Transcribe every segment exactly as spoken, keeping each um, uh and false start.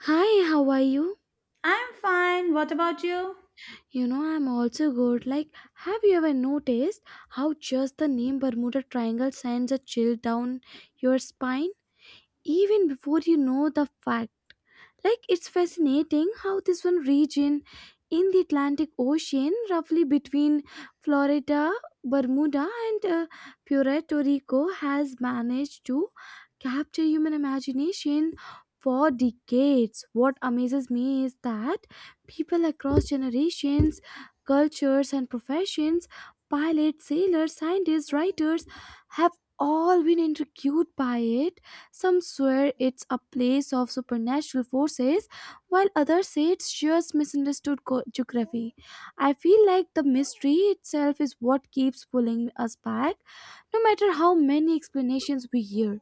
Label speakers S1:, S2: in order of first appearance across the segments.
S1: Hi, how are you?
S2: I'm fine. What about you?
S1: You know, I'm also good. Like, have you ever noticed how just the name Bermuda Triangle sends a chill down your spine even before you know the fact? Like it's fascinating how this one region in the Atlantic Ocean, roughly between Florida, Bermuda, and uh, Puerto Rico, has managed to capture human imagination for decades. What amazes me is that people across generations, cultures, and professions: pilots, sailors, scientists, writers have all been intrigued by it. Some swear it's a place of supernatural forces, while others say it's just misunderstood co- geography. I feel like the mystery itself is what keeps pulling us back, no matter how many explanations we hear.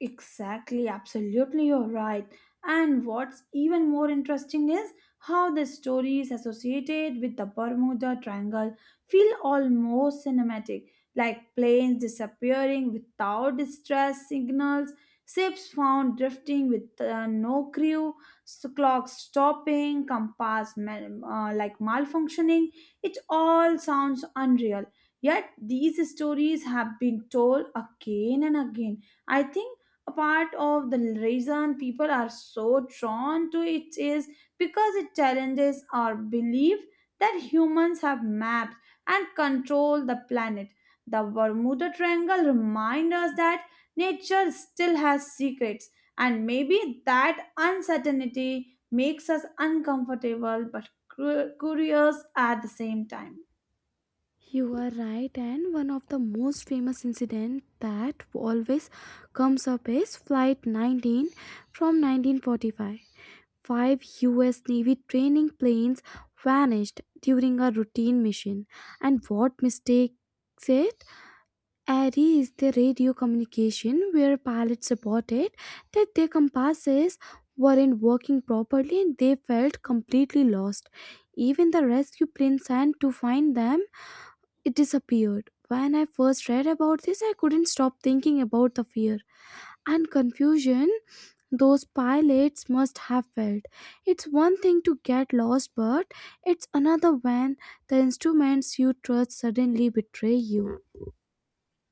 S2: Exactly, absolutely, you're right. And what's even more interesting is how the stories associated with the Bermuda Triangle feel almost cinematic, like planes disappearing without distress signals, ships found drifting with uh, no crew, s- clocks stopping, compass mal- uh, like malfunctioning. It all sounds unreal. Yet these stories have been told again and again. I think a part of the reason people are so drawn to it is because it challenges our belief that humans have mapped and control the planet. The Bermuda Triangle reminds us that nature still has secrets, and maybe that uncertainty makes us uncomfortable but cur- curious at the same time.
S1: You are right, and one of the most famous incidents that always comes up is Flight nineteen from nineteen forty-five. Five U S Navy training planes vanished during a routine mission. And what mistakes it? A R I is the radio communication where pilots reported that their compasses weren't working properly and they felt completely lost. Even the rescue plane sent to find them, it disappeared. When I first read about this, I couldn't stop thinking about the fear and confusion those pilots must have felt. It's one thing to get lost, but it's another when the instruments you trust suddenly betray you.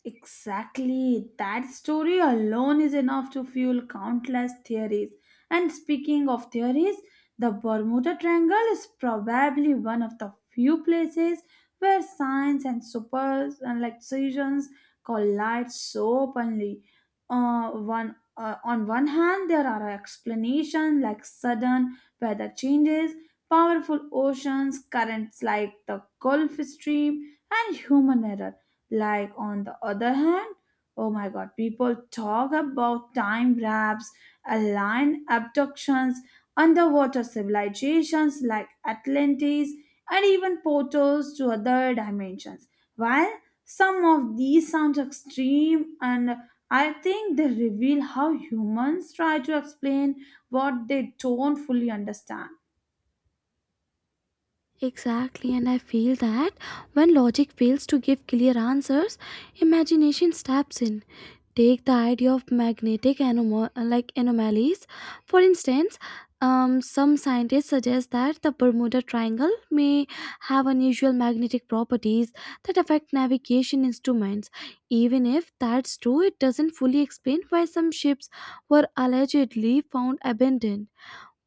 S2: Exactly. That story alone is enough to fuel countless theories. And speaking of theories, the Bermuda Triangle is probably one of the few places where science and super and like science collide so openly. Uh, one uh, on one hand, there are explanations like sudden weather changes, powerful oceans, currents like the Gulf Stream, and human error like, on the other hand, oh my god, people talk about time wraps, alien abductions, underwater civilizations like Atlantis, and even portals to other dimensions. While some of these sound extreme, and I think they reveal how humans try to explain what they don't fully understand.
S1: Exactly, and I feel that when logic fails to give clear answers, imagination steps in. Take the idea of magnetic anomo- like anomalies, for instance. Um, some scientists suggest that the Bermuda Triangle may have unusual magnetic properties that affect navigation instruments. Even if that's true, it doesn't fully explain why some ships were allegedly found abandoned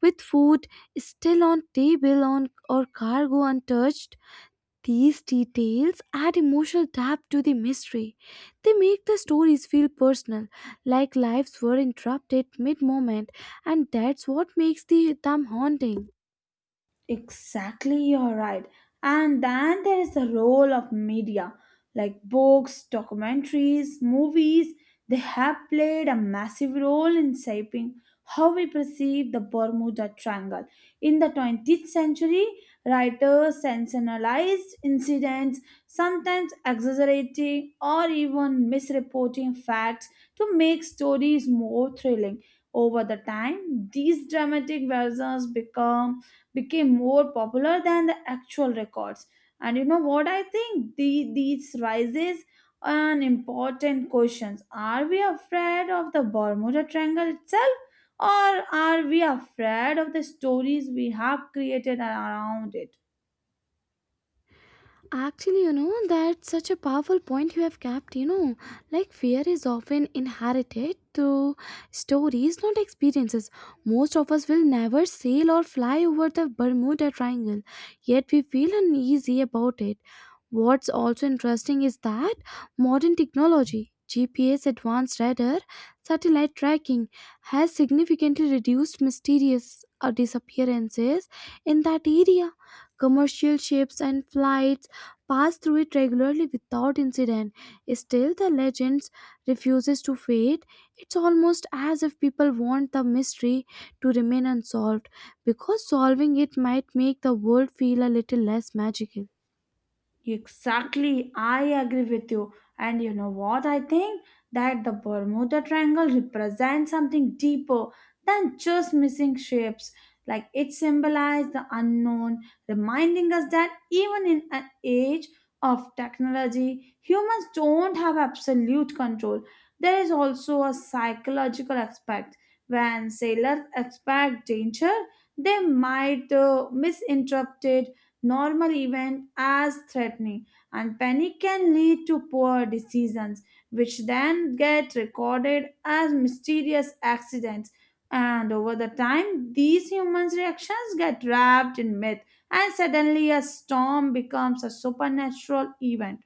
S1: with food still on table on or cargo untouched. These details add emotional depth to the mystery. They make the stories feel personal, like lives were interrupted mid moment, and that's what makes the, them haunting.
S2: Exactly, you're right. And then there is the role of media, like books, documentaries, movies. They have played a massive role in shaping how we perceive the Bermuda Triangle. In the twentieth century, writers sensationalized incidents, sometimes exaggerating or even misreporting facts to make stories more thrilling. Over the time, these dramatic versions become became more popular than the actual records. And you know what I think? The, these rises an important questions. Are we afraid of the Bermuda Triangle itself? Or are we afraid of the stories we have created around it?
S1: Actually, you know, that's such a powerful point you have kept, you know. Like, fear is often inherited through stories, not experiences. Most of us will never sail or fly over the Bermuda Triangle, yet we feel uneasy about it. What's also interesting is that modern technology, G P S, advanced radar, satellite tracking, has significantly reduced mysterious uh, disappearances in that area. Commercial ships and flights pass through it regularly without incident. Still, the legend refuses to fade. It's almost as if people want the mystery to remain unsolved because solving it might make the world feel a little less magical.
S2: Exactly, I agree with you. And you know what? I think that the Bermuda Triangle represents something deeper than just missing ships. Like it symbolizes the unknown, reminding us that even in an age of technology, humans don't have absolute control. There is also a psychological aspect. When sailors expect danger, they might uh, misinterpret normal event as threatening, and panic can lead to poor decisions, which then get recorded as mysterious accidents. And over the time, these humans' reactions get wrapped in myth, and suddenly a storm becomes a supernatural event.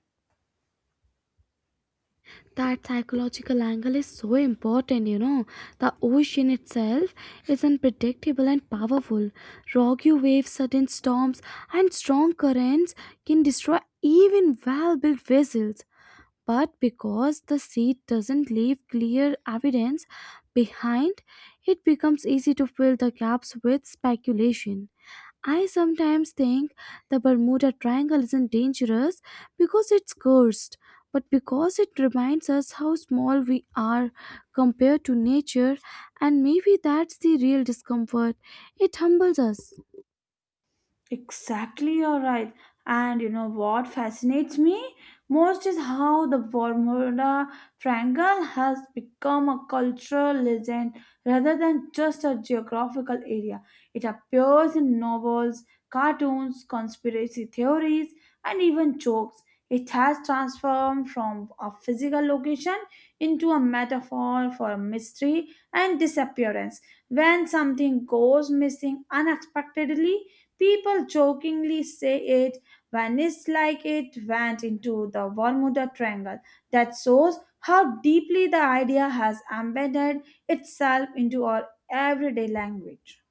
S1: That psychological angle is so important, you know. The ocean itself is unpredictable and powerful. Rocky waves, sudden storms, and strong currents can destroy even well built vessels. But because the seed doesn't leave clear evidence behind, it becomes easy to fill the gaps with speculation. I sometimes think the Bermuda Triangle isn't dangerous because it's cursed, but because it reminds us how small we are compared to nature, and maybe that's the real discomfort. It humbles us.
S2: Exactly, you're right. And you know what fascinates me most is how the Bermuda Triangle has become a cultural legend rather than just a geographical area. It appears in novels, cartoons, conspiracy theories, and even jokes. It has transformed from a physical location into a metaphor for mystery and disappearance. When something goes missing unexpectedly, people jokingly say it when like it went into the Bermuda Triangle. That shows how deeply the idea has embedded itself into our everyday language.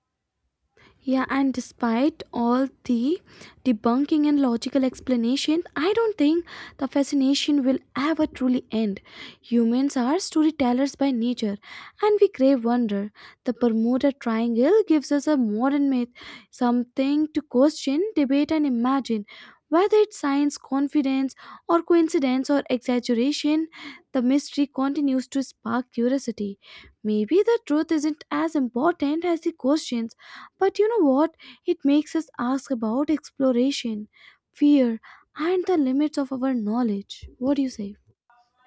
S1: Yeah, and despite all the debunking and logical explanation, I don't think the fascination will ever truly end. Humans are storytellers by nature, and we crave wonder. The Bermuda Triangle gives us a modern myth, something to question, debate, and imagine. Whether it's science, confidence, or coincidence or exaggeration, the mystery continues to spark curiosity. Maybe the truth isn't as important as the questions, but you know what? It makes us ask about exploration, fear, and the limits of our knowledge. What do you say?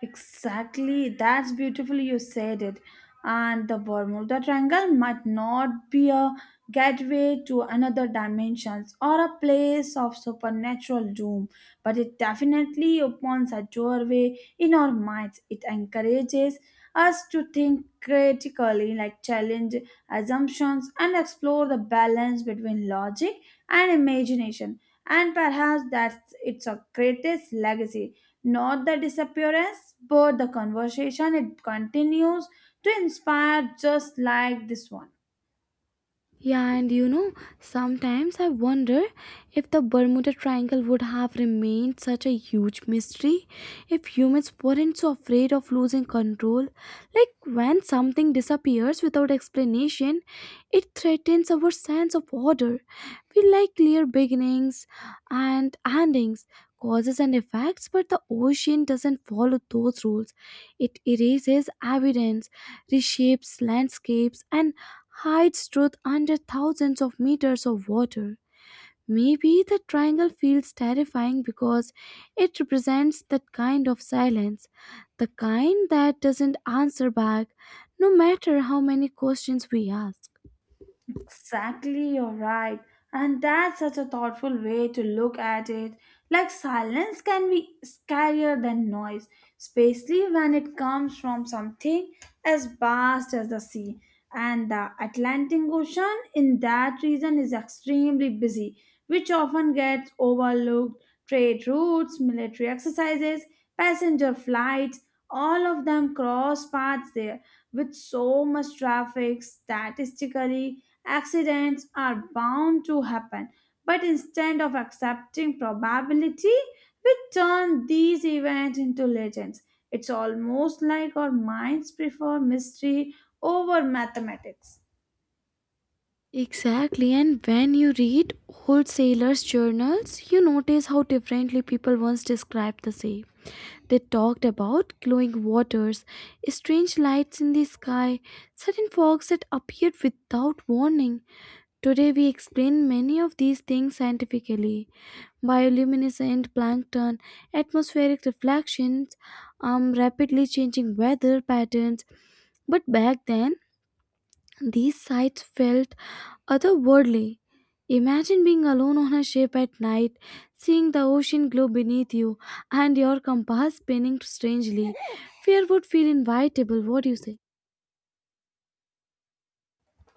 S2: Exactly, that's beautifully you said it. And the Bermuda Triangle might not be a gateway to another dimensions or a place of supernatural doom, but it definitely opens a doorway in our minds. It encourages us to think critically, like challenge assumptions and explore the balance between logic and imagination. And perhaps that's its a greatest legacy, not the disappearance, but the conversation it continues to inspire just like this one.
S1: Yeah, and you know, sometimes I wonder if the Bermuda Triangle would have remained such a huge mystery if humans weren't so afraid of losing control. Like when something disappears without explanation, it threatens our sense of order. We like clear beginnings and endings, causes and effects, but the ocean doesn't follow those rules. It erases evidence, reshapes landscapes, and hides truth under thousands of meters of water. Maybe the triangle feels terrifying because it represents that kind of silence, the kind that doesn't answer back, no matter how many questions we ask.
S2: Exactly, you're right. And that's such a thoughtful way to look at it. Like silence can be scarier than noise, especially when it comes from something as vast as the sea. And the Atlantic Ocean in that region is extremely busy, which often gets overlooked. Trade routes, military exercises, passenger flights, all of them cross paths there with so much traffic, statistically, accidents are bound to happen. But instead of accepting probability, we turn these events into legends. It's almost like our minds prefer mystery over mathematics.
S1: Exactly, and when you read old sailors' journals, you notice how differently people once described the sea. They talked about glowing waters, strange lights in the sky, sudden fogs that appeared without warning. Today, we explain many of these things scientifically: bioluminescent plankton, atmospheric reflections, um, rapidly changing weather patterns. But back then, these sights felt otherworldly. Imagine being alone on a ship at night, seeing the ocean glow beneath you, and your compass spinning strangely. Fear would feel inevitable. What do you say?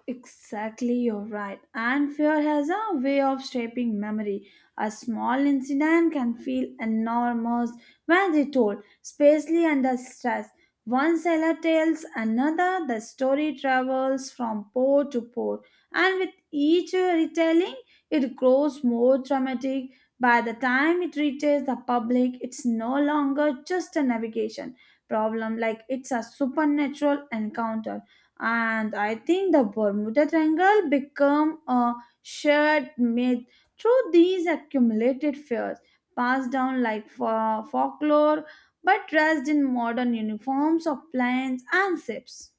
S2: Exactly, you're right. And fear has a way of shaping memory. A small incident can feel enormous when retold, especially under stress. One seller tells another, the story travels from pore to pore, and with each retelling, it grows more dramatic. By the time it reaches the public, it's no longer just a navigation problem, like it's a supernatural encounter and I think the Bermuda Triangle become a shared myth through these accumulated fears, passed down like fo- folklore, but dressed in modern uniforms of planes and ships.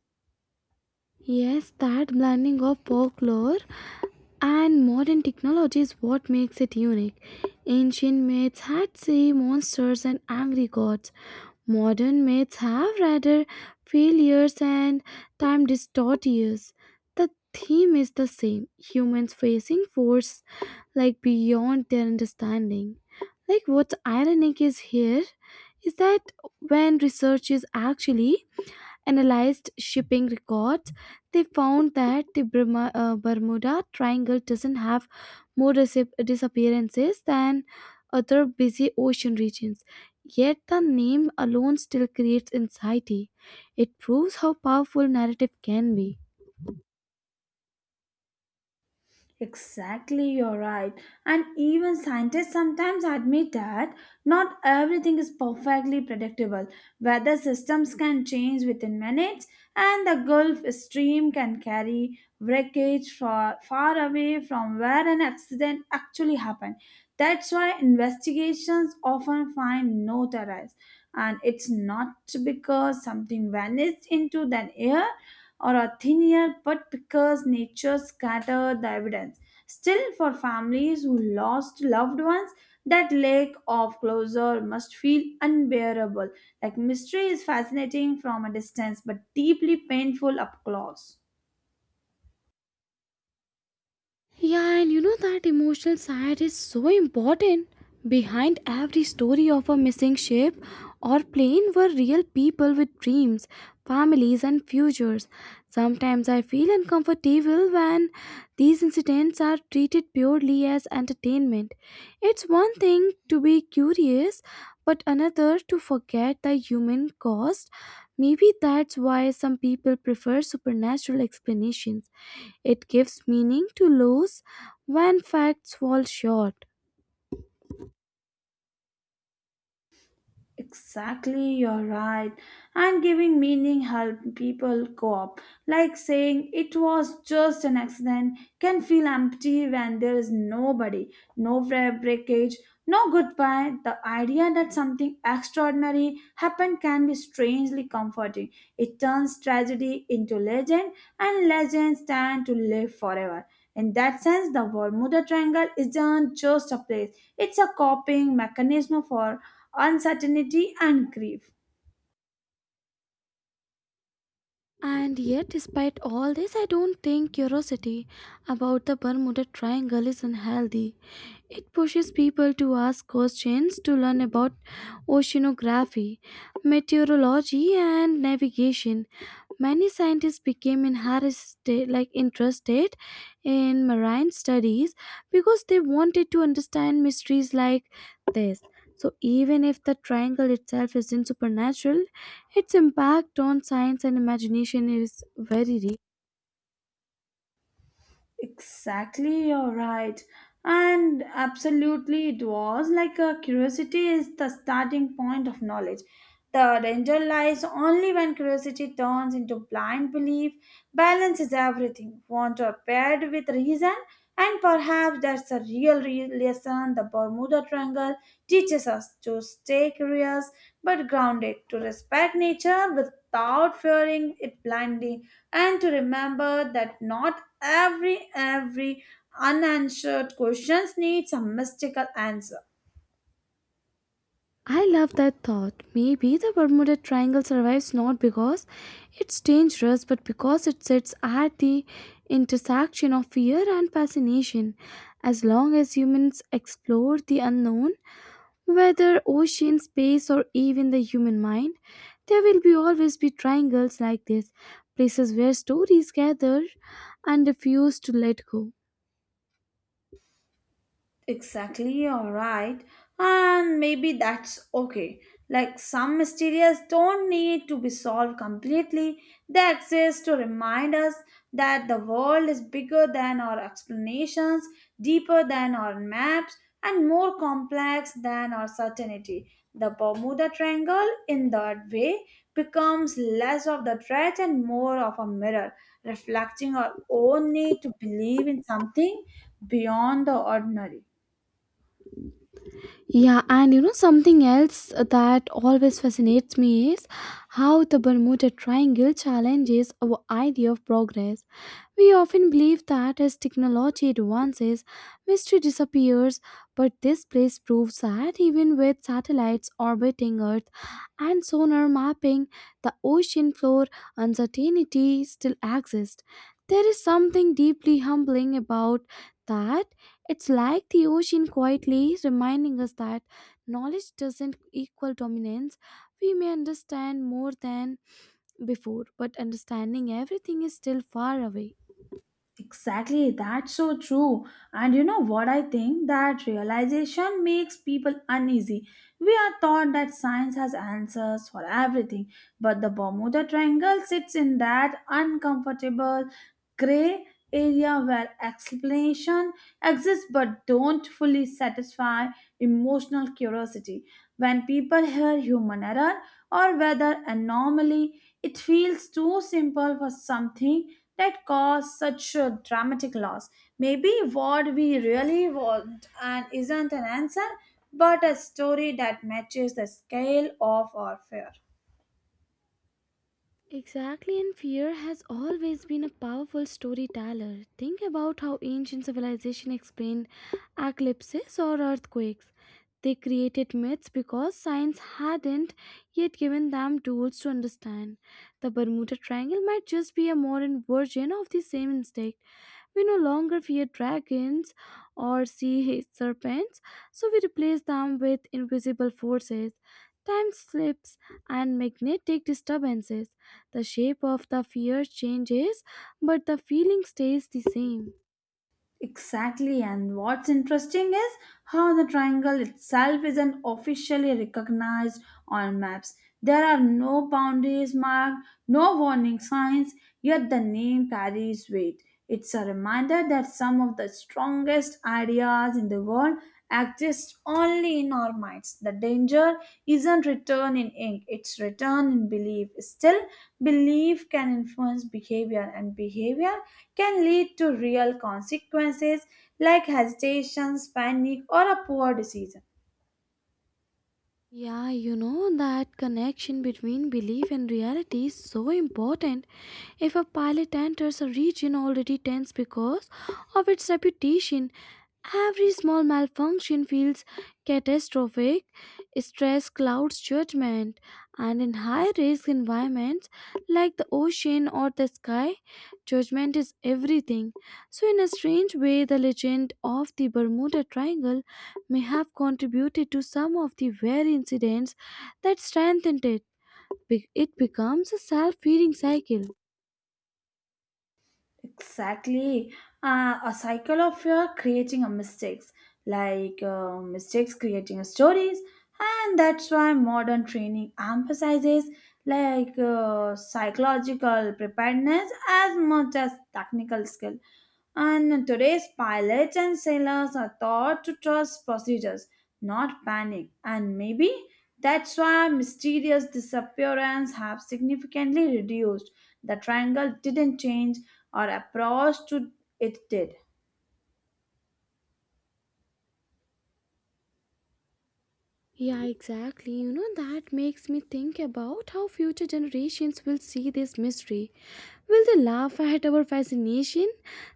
S1: Yes, that blending of folklore and modern technology is what makes it unique. Ancient myths had sea monsters and angry gods. Modern myths have rather failures and time dystopias. The theme is the same: humans facing force like beyond their understanding. Like what's ironic is here is that when research is actually analyzed shipping records, they found that the Burma, uh, Bermuda Triangle doesn't have more disap- disappearances than other busy ocean regions. Yet the name alone still creates anxiety. It proves how powerful narrative can be.
S2: Exactly, you're right. And even scientists sometimes admit that not everything is perfectly predictable. Weather systems can change within minutes, and the Gulf Stream can carry wreckage far, far away from where an accident actually happened. That's why investigations often find no terrorists. And it's not because something vanished into thin air or a thin year, but because nature scattered the evidence. Still, for families who lost loved ones, that lack of closure must feel unbearable. Like mystery is fascinating from a distance, but deeply painful up close.
S1: Yeah, and you know that emotional side is so important. Behind every story of a missing ship or plane were real people with dreams, families, and futures. Sometimes I feel uncomfortable when these incidents are treated purely as entertainment. It's one thing to be curious, but another to forget the human cost. Maybe that's why some people prefer supernatural explanations: it gives meaning to lose when facts fall short.
S2: Exactly, you're right. And giving meaning help people cope. Like saying it was just an accident can feel empty when there is nobody, no bra- breakage, no goodbye. The idea that something extraordinary happened can be strangely comforting. It turns tragedy into legend, and legends tend to live forever. In that sense, the Bermuda Triangle isn't just a place, it's a coping mechanism for uncertainty and grief.
S1: And yet, despite all this, I don't think curiosity about the Bermuda Triangle is unhealthy. It pushes people to ask questions, to learn about oceanography, meteorology, and navigation. Many scientists became in like interested in marine studies because they wanted to understand mysteries like this. So even if the triangle itself isn't supernatural, its impact on science and imagination is very real.
S2: Exactly, you're right, and absolutely it was like a curiosity is the starting point of knowledge. The danger lies only when curiosity turns into blind belief. Balance is everything want are paired with reason, and perhaps that's a real re- lesson the Bermuda Triangle teaches us to stay curious but grounded, to respect nature without fearing it blindly, and to remember that not every every unanswered questions needs a mystical answer.
S1: I love that thought. Maybe the Bermuda Triangle survives not because it's dangerous, but because it sits at the intersection of fear and fascination. As long as humans explore the unknown, whether ocean, space, or even the human mind, there will be always be triangles like this, places where stories gather and refuse to let go.
S2: Exactly, all right, and maybe that's okay. Like some mysteries don't need to be solved completely, they exist to remind us that the world is bigger than our explanations, deeper than our maps, and more complex than our certainty. The Bermuda Triangle, in that way, becomes less of the threat and more of a mirror, reflecting our own need to believe in something beyond the ordinary.
S1: Yeah, and you know something else that always fascinates me is how the Bermuda Triangle challenges our idea of progress. We often believe that as technology advances, mystery disappears, but this place proves that even with satellites orbiting Earth, and sonar mapping the ocean floor, uncertainty still exists. There is something deeply humbling about that. It's like the ocean quietly reminding us that knowledge doesn't equal dominance. We may understand more than before, but understanding everything is still far away.
S2: Exactly, that's so true. And you know what I think? That realization makes people uneasy. We are taught that science has answers for everything, but the Bermuda Triangle sits in that uncomfortable, gray area where explanation exists but don't fully satisfy emotional curiosity. When people hear human error or weather anomaly, it feels too simple for something that caused such a dramatic loss. Maybe what we really want and isn't an answer, but a story that matches the scale of our fear.
S1: Exactly, and fear has always been a powerful storyteller. Think about how ancient civilization explained eclipses or earthquakes. They created myths because science hadn't yet given them tools to understand. The Bermuda Triangle might just be a modern version of the same instinct. We no longer fear dragons or sea serpents, so we replace them with invisible forces, time slips, and magnetic disturbances. The shape of the fear changes, but the feeling stays the same.
S2: Exactly, and what's interesting is how the triangle itself isn't officially recognized on maps. There are no boundaries marked, no warning signs, yet the name carries weight. It's a reminder that some of the strongest ideas in the world exist only in our minds. The danger isn't written in ink, it's written in belief. Still, belief can influence behavior, and behavior can lead to real consequences like hesitations, panic, or a poor decision.
S1: Yeah, you know that connection between belief and reality is so important. If a pilot enters a region already tense because of its reputation, every small malfunction feels catastrophic. Stress clouds judgment, and in high risk environments like the ocean or the sky, judgment is everything. So, in a strange way, the legend of the Bermuda Triangle may have contributed to some of the very incidents that strengthened it. Be- It becomes a self feeding cycle.
S2: Exactly. Uh, a cycle of fear creating a mistakes, like uh, mistakes creating stories, and that's why modern training emphasizes like uh, psychological preparedness as much as technical skill. And today's pilots and sailors are taught to trust procedures, not panic. And maybe that's why mysterious disappearance have significantly reduced. The triangle didn't change, or approach to it did.
S1: Yeah, exactly. You know, that makes me think about how future generations will see this mystery. Will they laugh at our fascination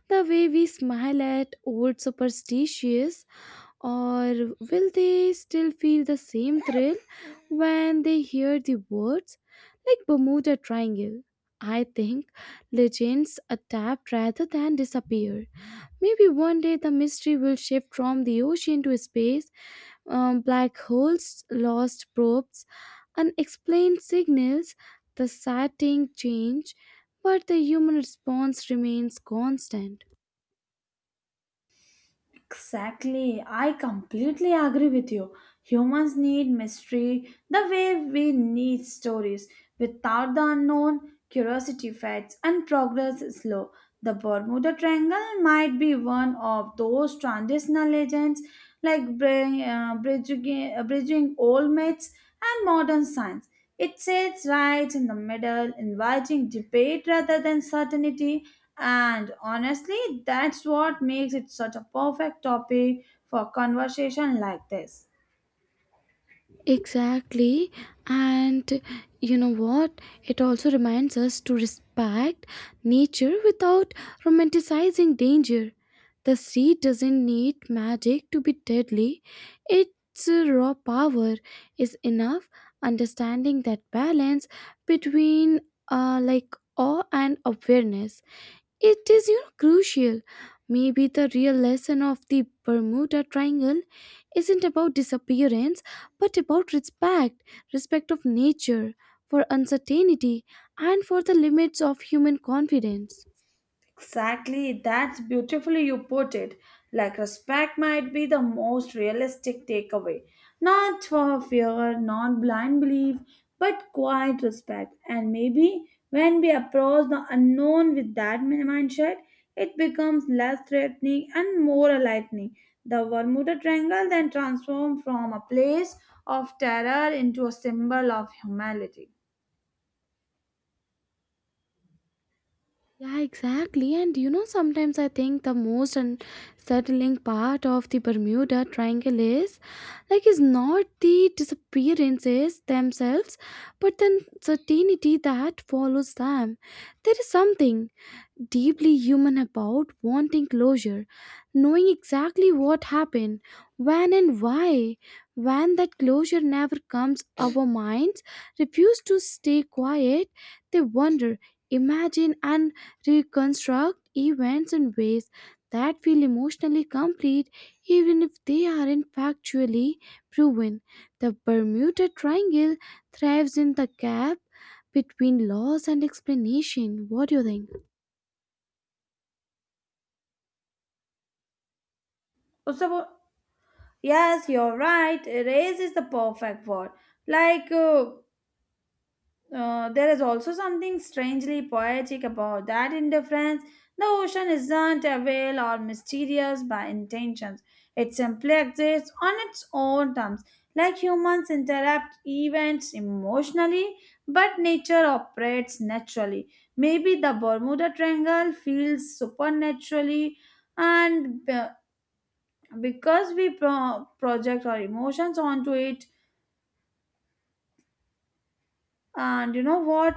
S1: the way we smile at old superstitions? Or will they still feel the same thrill when they hear the words like Bermuda Triangle? I think legends adapt rather than disappear. Maybe one day the mystery will shift from the ocean to space: um, black holes, lost probes, unexplained signals, the setting change, but the human response remains constant.
S2: Exactly. I completely agree with you. Humans need mystery the way we need stories. Without the unknown, curiosity fades and progress is slow. The Bermuda Triangle might be one of those transitional legends like bri- uh, bridging, uh, bridging old myths and modern science. It sits right in the middle, inviting debate rather than certainty, and honestly, that's what makes it such a perfect topic for conversation like this.
S1: Exactly. And you know what? It also reminds us to respect nature without romanticizing danger. The sea doesn't need magic to be deadly, its uh, raw power is enough. Understanding that balance between uh, like awe and awareness, it is, you know, crucial. Maybe the real lesson of the Bermuda Triangle isn't about disappearance, but about respect respect of nature, for uncertainty, and for the limits of human confidence.
S2: Exactly, that's beautifully you put it. Like respect might be the most realistic takeaway. Not for fear, not blind belief, but quiet respect. And maybe when we approach the unknown with that mindset, it becomes less threatening and more enlightening. The Bermuda Triangle then transforms from a place of terror into a symbol of humanity.
S1: Yeah, exactly. And you know, sometimes I think the most unsettling part of the Bermuda Triangle is, like, is not the disappearances themselves, but the certainty that follows them. There is something deeply human about wanting closure, knowing exactly what happened, when and why. When that closure never comes, our minds refuse to stay quiet. They wonder, imagine, and reconstruct events in ways that feel emotionally complete, even if they aren't factually proven. The Bermuda Triangle thrives in the gap between laws and explanation. What do you think?
S2: Also, yes, you're right. Erase is the perfect word. Like, uh, uh, there is also something strangely poetic about that indifference. The ocean isn't a veil or mysterious by intentions. It simply exists on its own terms. Like humans interrupt events emotionally, but nature operates naturally. Maybe the Bermuda Triangle feels supernaturally and uh, because we pro- project our emotions onto it. And you know what,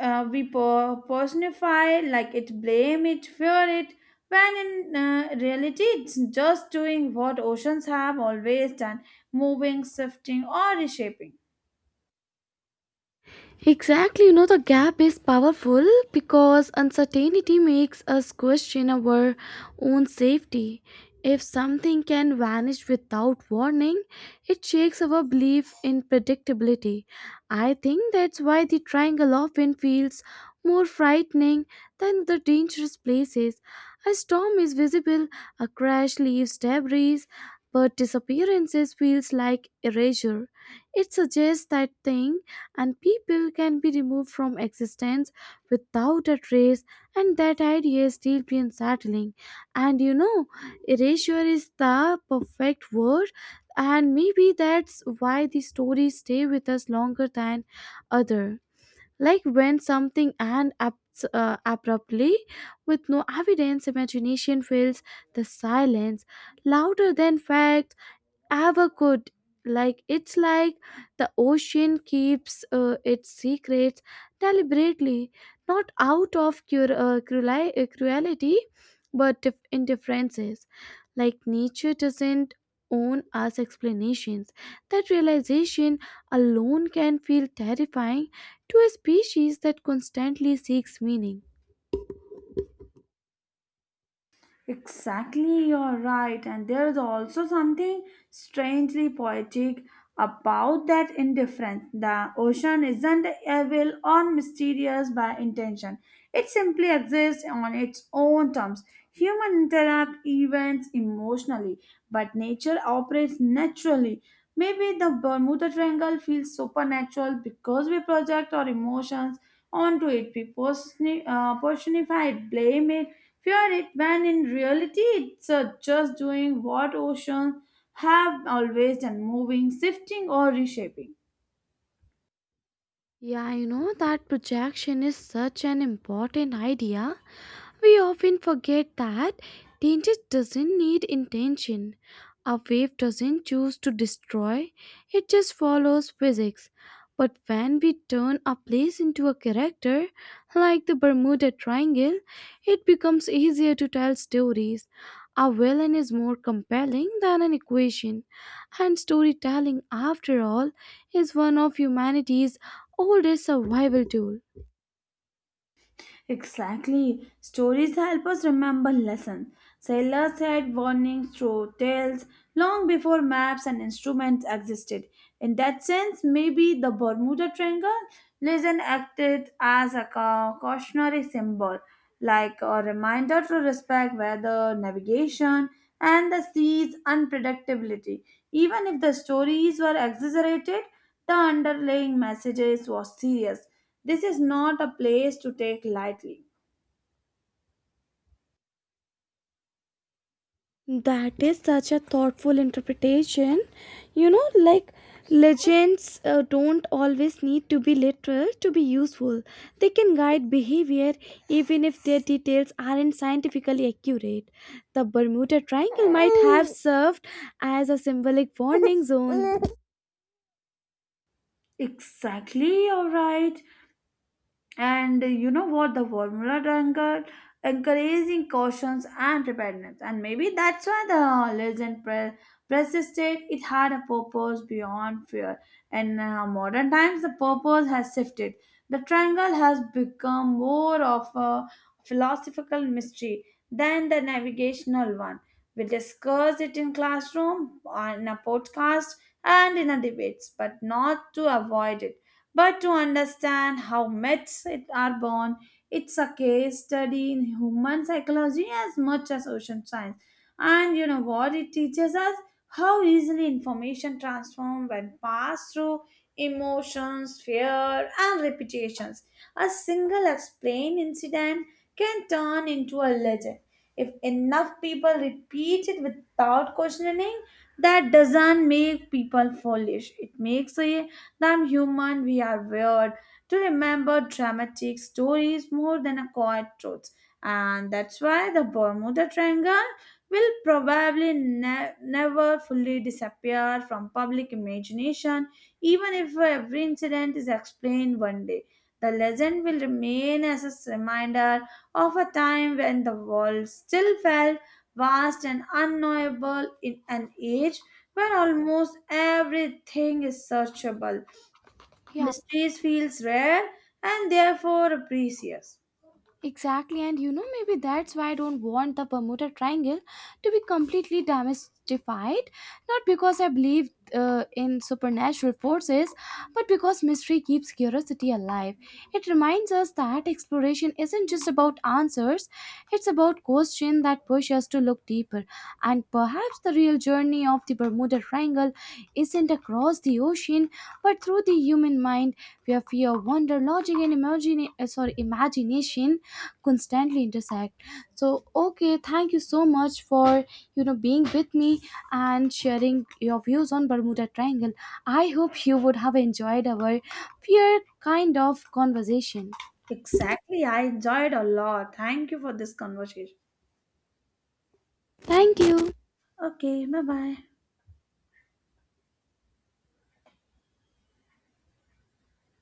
S2: uh, we per- personify like it, blame it, fear it when in uh, reality it's just doing what oceans have always done, moving, shifting, or reshaping.
S1: Exactly, you know, the gap is powerful because uncertainty makes us question our own safety. If something can vanish without warning, it shakes our belief in predictability. I think that's why the triangle often feels more frightening than the dangerous places. A storm is visible, a crash leaves debris, but disappearances feels like erasure. It suggests that things and people can be removed from existence without a trace, and that idea still be unsettling. And you know erasure is the perfect word. And maybe that's why these stories stay with us longer than other. Like when something ends ab- uh, abruptly, with no evidence imagination fills the silence louder than fact ever could. Like it's like the ocean keeps uh, its secrets deliberately, not out of cur- uh, cruli- uh, cruelty, but dif- indifferences. Like nature doesn't own us explanations. That realization alone can feel terrifying to a species that constantly seeks meaning.
S2: Exactly, you're right. And there is also something strangely poetic about that indifference. The ocean isn't evil or mysterious by intention, it simply exists on its own terms. Human interact events emotionally, but nature operates naturally. Maybe the Bermuda Triangle feels supernatural because we project our emotions onto it. We personi- uh, personify it, blame it, fear it when in reality it's uh, just doing what oceans have always done, moving, shifting, or reshaping.
S1: Yeah, you know that projection is such an important idea. We often forget that danger doesn't need intention. A wave doesn't choose to destroy, it just follows physics. But when we turn a place into a character, like the Bermuda Triangle, it becomes easier to tell stories. A villain is more compelling than an equation, and storytelling, after all, is one of humanity's oldest survival tools.
S2: Exactly. Stories help us remember lessons. Sailors had warnings through tales long before maps and instruments existed. In that sense, maybe the Bermuda Triangle legend acted as a ca- cautionary symbol, like a reminder to respect weather, navigation, and the sea's unpredictability. Even if the stories were exaggerated, the underlying messages was serious, this is not a place to take lightly.
S1: That is such a thoughtful interpretation. You know, like legends uh, don't always need to be literal to be useful. They can guide behavior even if their details aren't scientifically accurate. The Bermuda Triangle might have served as a symbolic warning zone.
S2: Exactly, you're right. And you know what, the formula anchor encouraging cautions and preparedness, and maybe that's why the legend pre- persisted. It had a purpose beyond fear, and uh, modern times the purpose has shifted. The triangle has become more of a philosophical mystery than the navigational one. We discuss it in classroom on a podcast and in a debates, but not to avoid it, but to understand how myths it- are born. It's a case study in human psychology as much as ocean science. And you know what? It teaches us how easily information transforms when passed through emotions, fear, and reputations. A single explained incident can turn into a legend. If enough people repeat it without questioning, that doesn't make people foolish. It makes a than human, we are wired to remember dramatic stories more than a quiet truths. And that's why the Bermuda Triangle will probably ne- never fully disappear from public imagination, even if every incident is explained one day. The legend will remain as a reminder of a time when the world still felt vast and unknowable in an age where almost everything is searchable.
S1: Yeah,
S2: Mysteries feels rare and therefore precious.
S1: exactly, and you know, maybe that's why I don't want the Bermuda Triangle to be completely demystified. Not because I believe uh, in supernatural forces, but because mystery keeps curiosity alive. It reminds us that exploration isn't just about answers, it's about questions that push us to look deeper. And perhaps the real journey of the Bermuda Triangle isn't across the ocean, but through the human mind, where fear, wonder, logic, and imagine, uh, sorry, imagination constantly intersect. So, okay, thank you so much for you know being with me and sharing your views on Bermuda Triangle. I hope you would have enjoyed our fear kind of conversation.
S2: Exactly, I enjoyed a lot. Thank you for this conversation.
S1: Thank you.
S2: Okay, bye bye.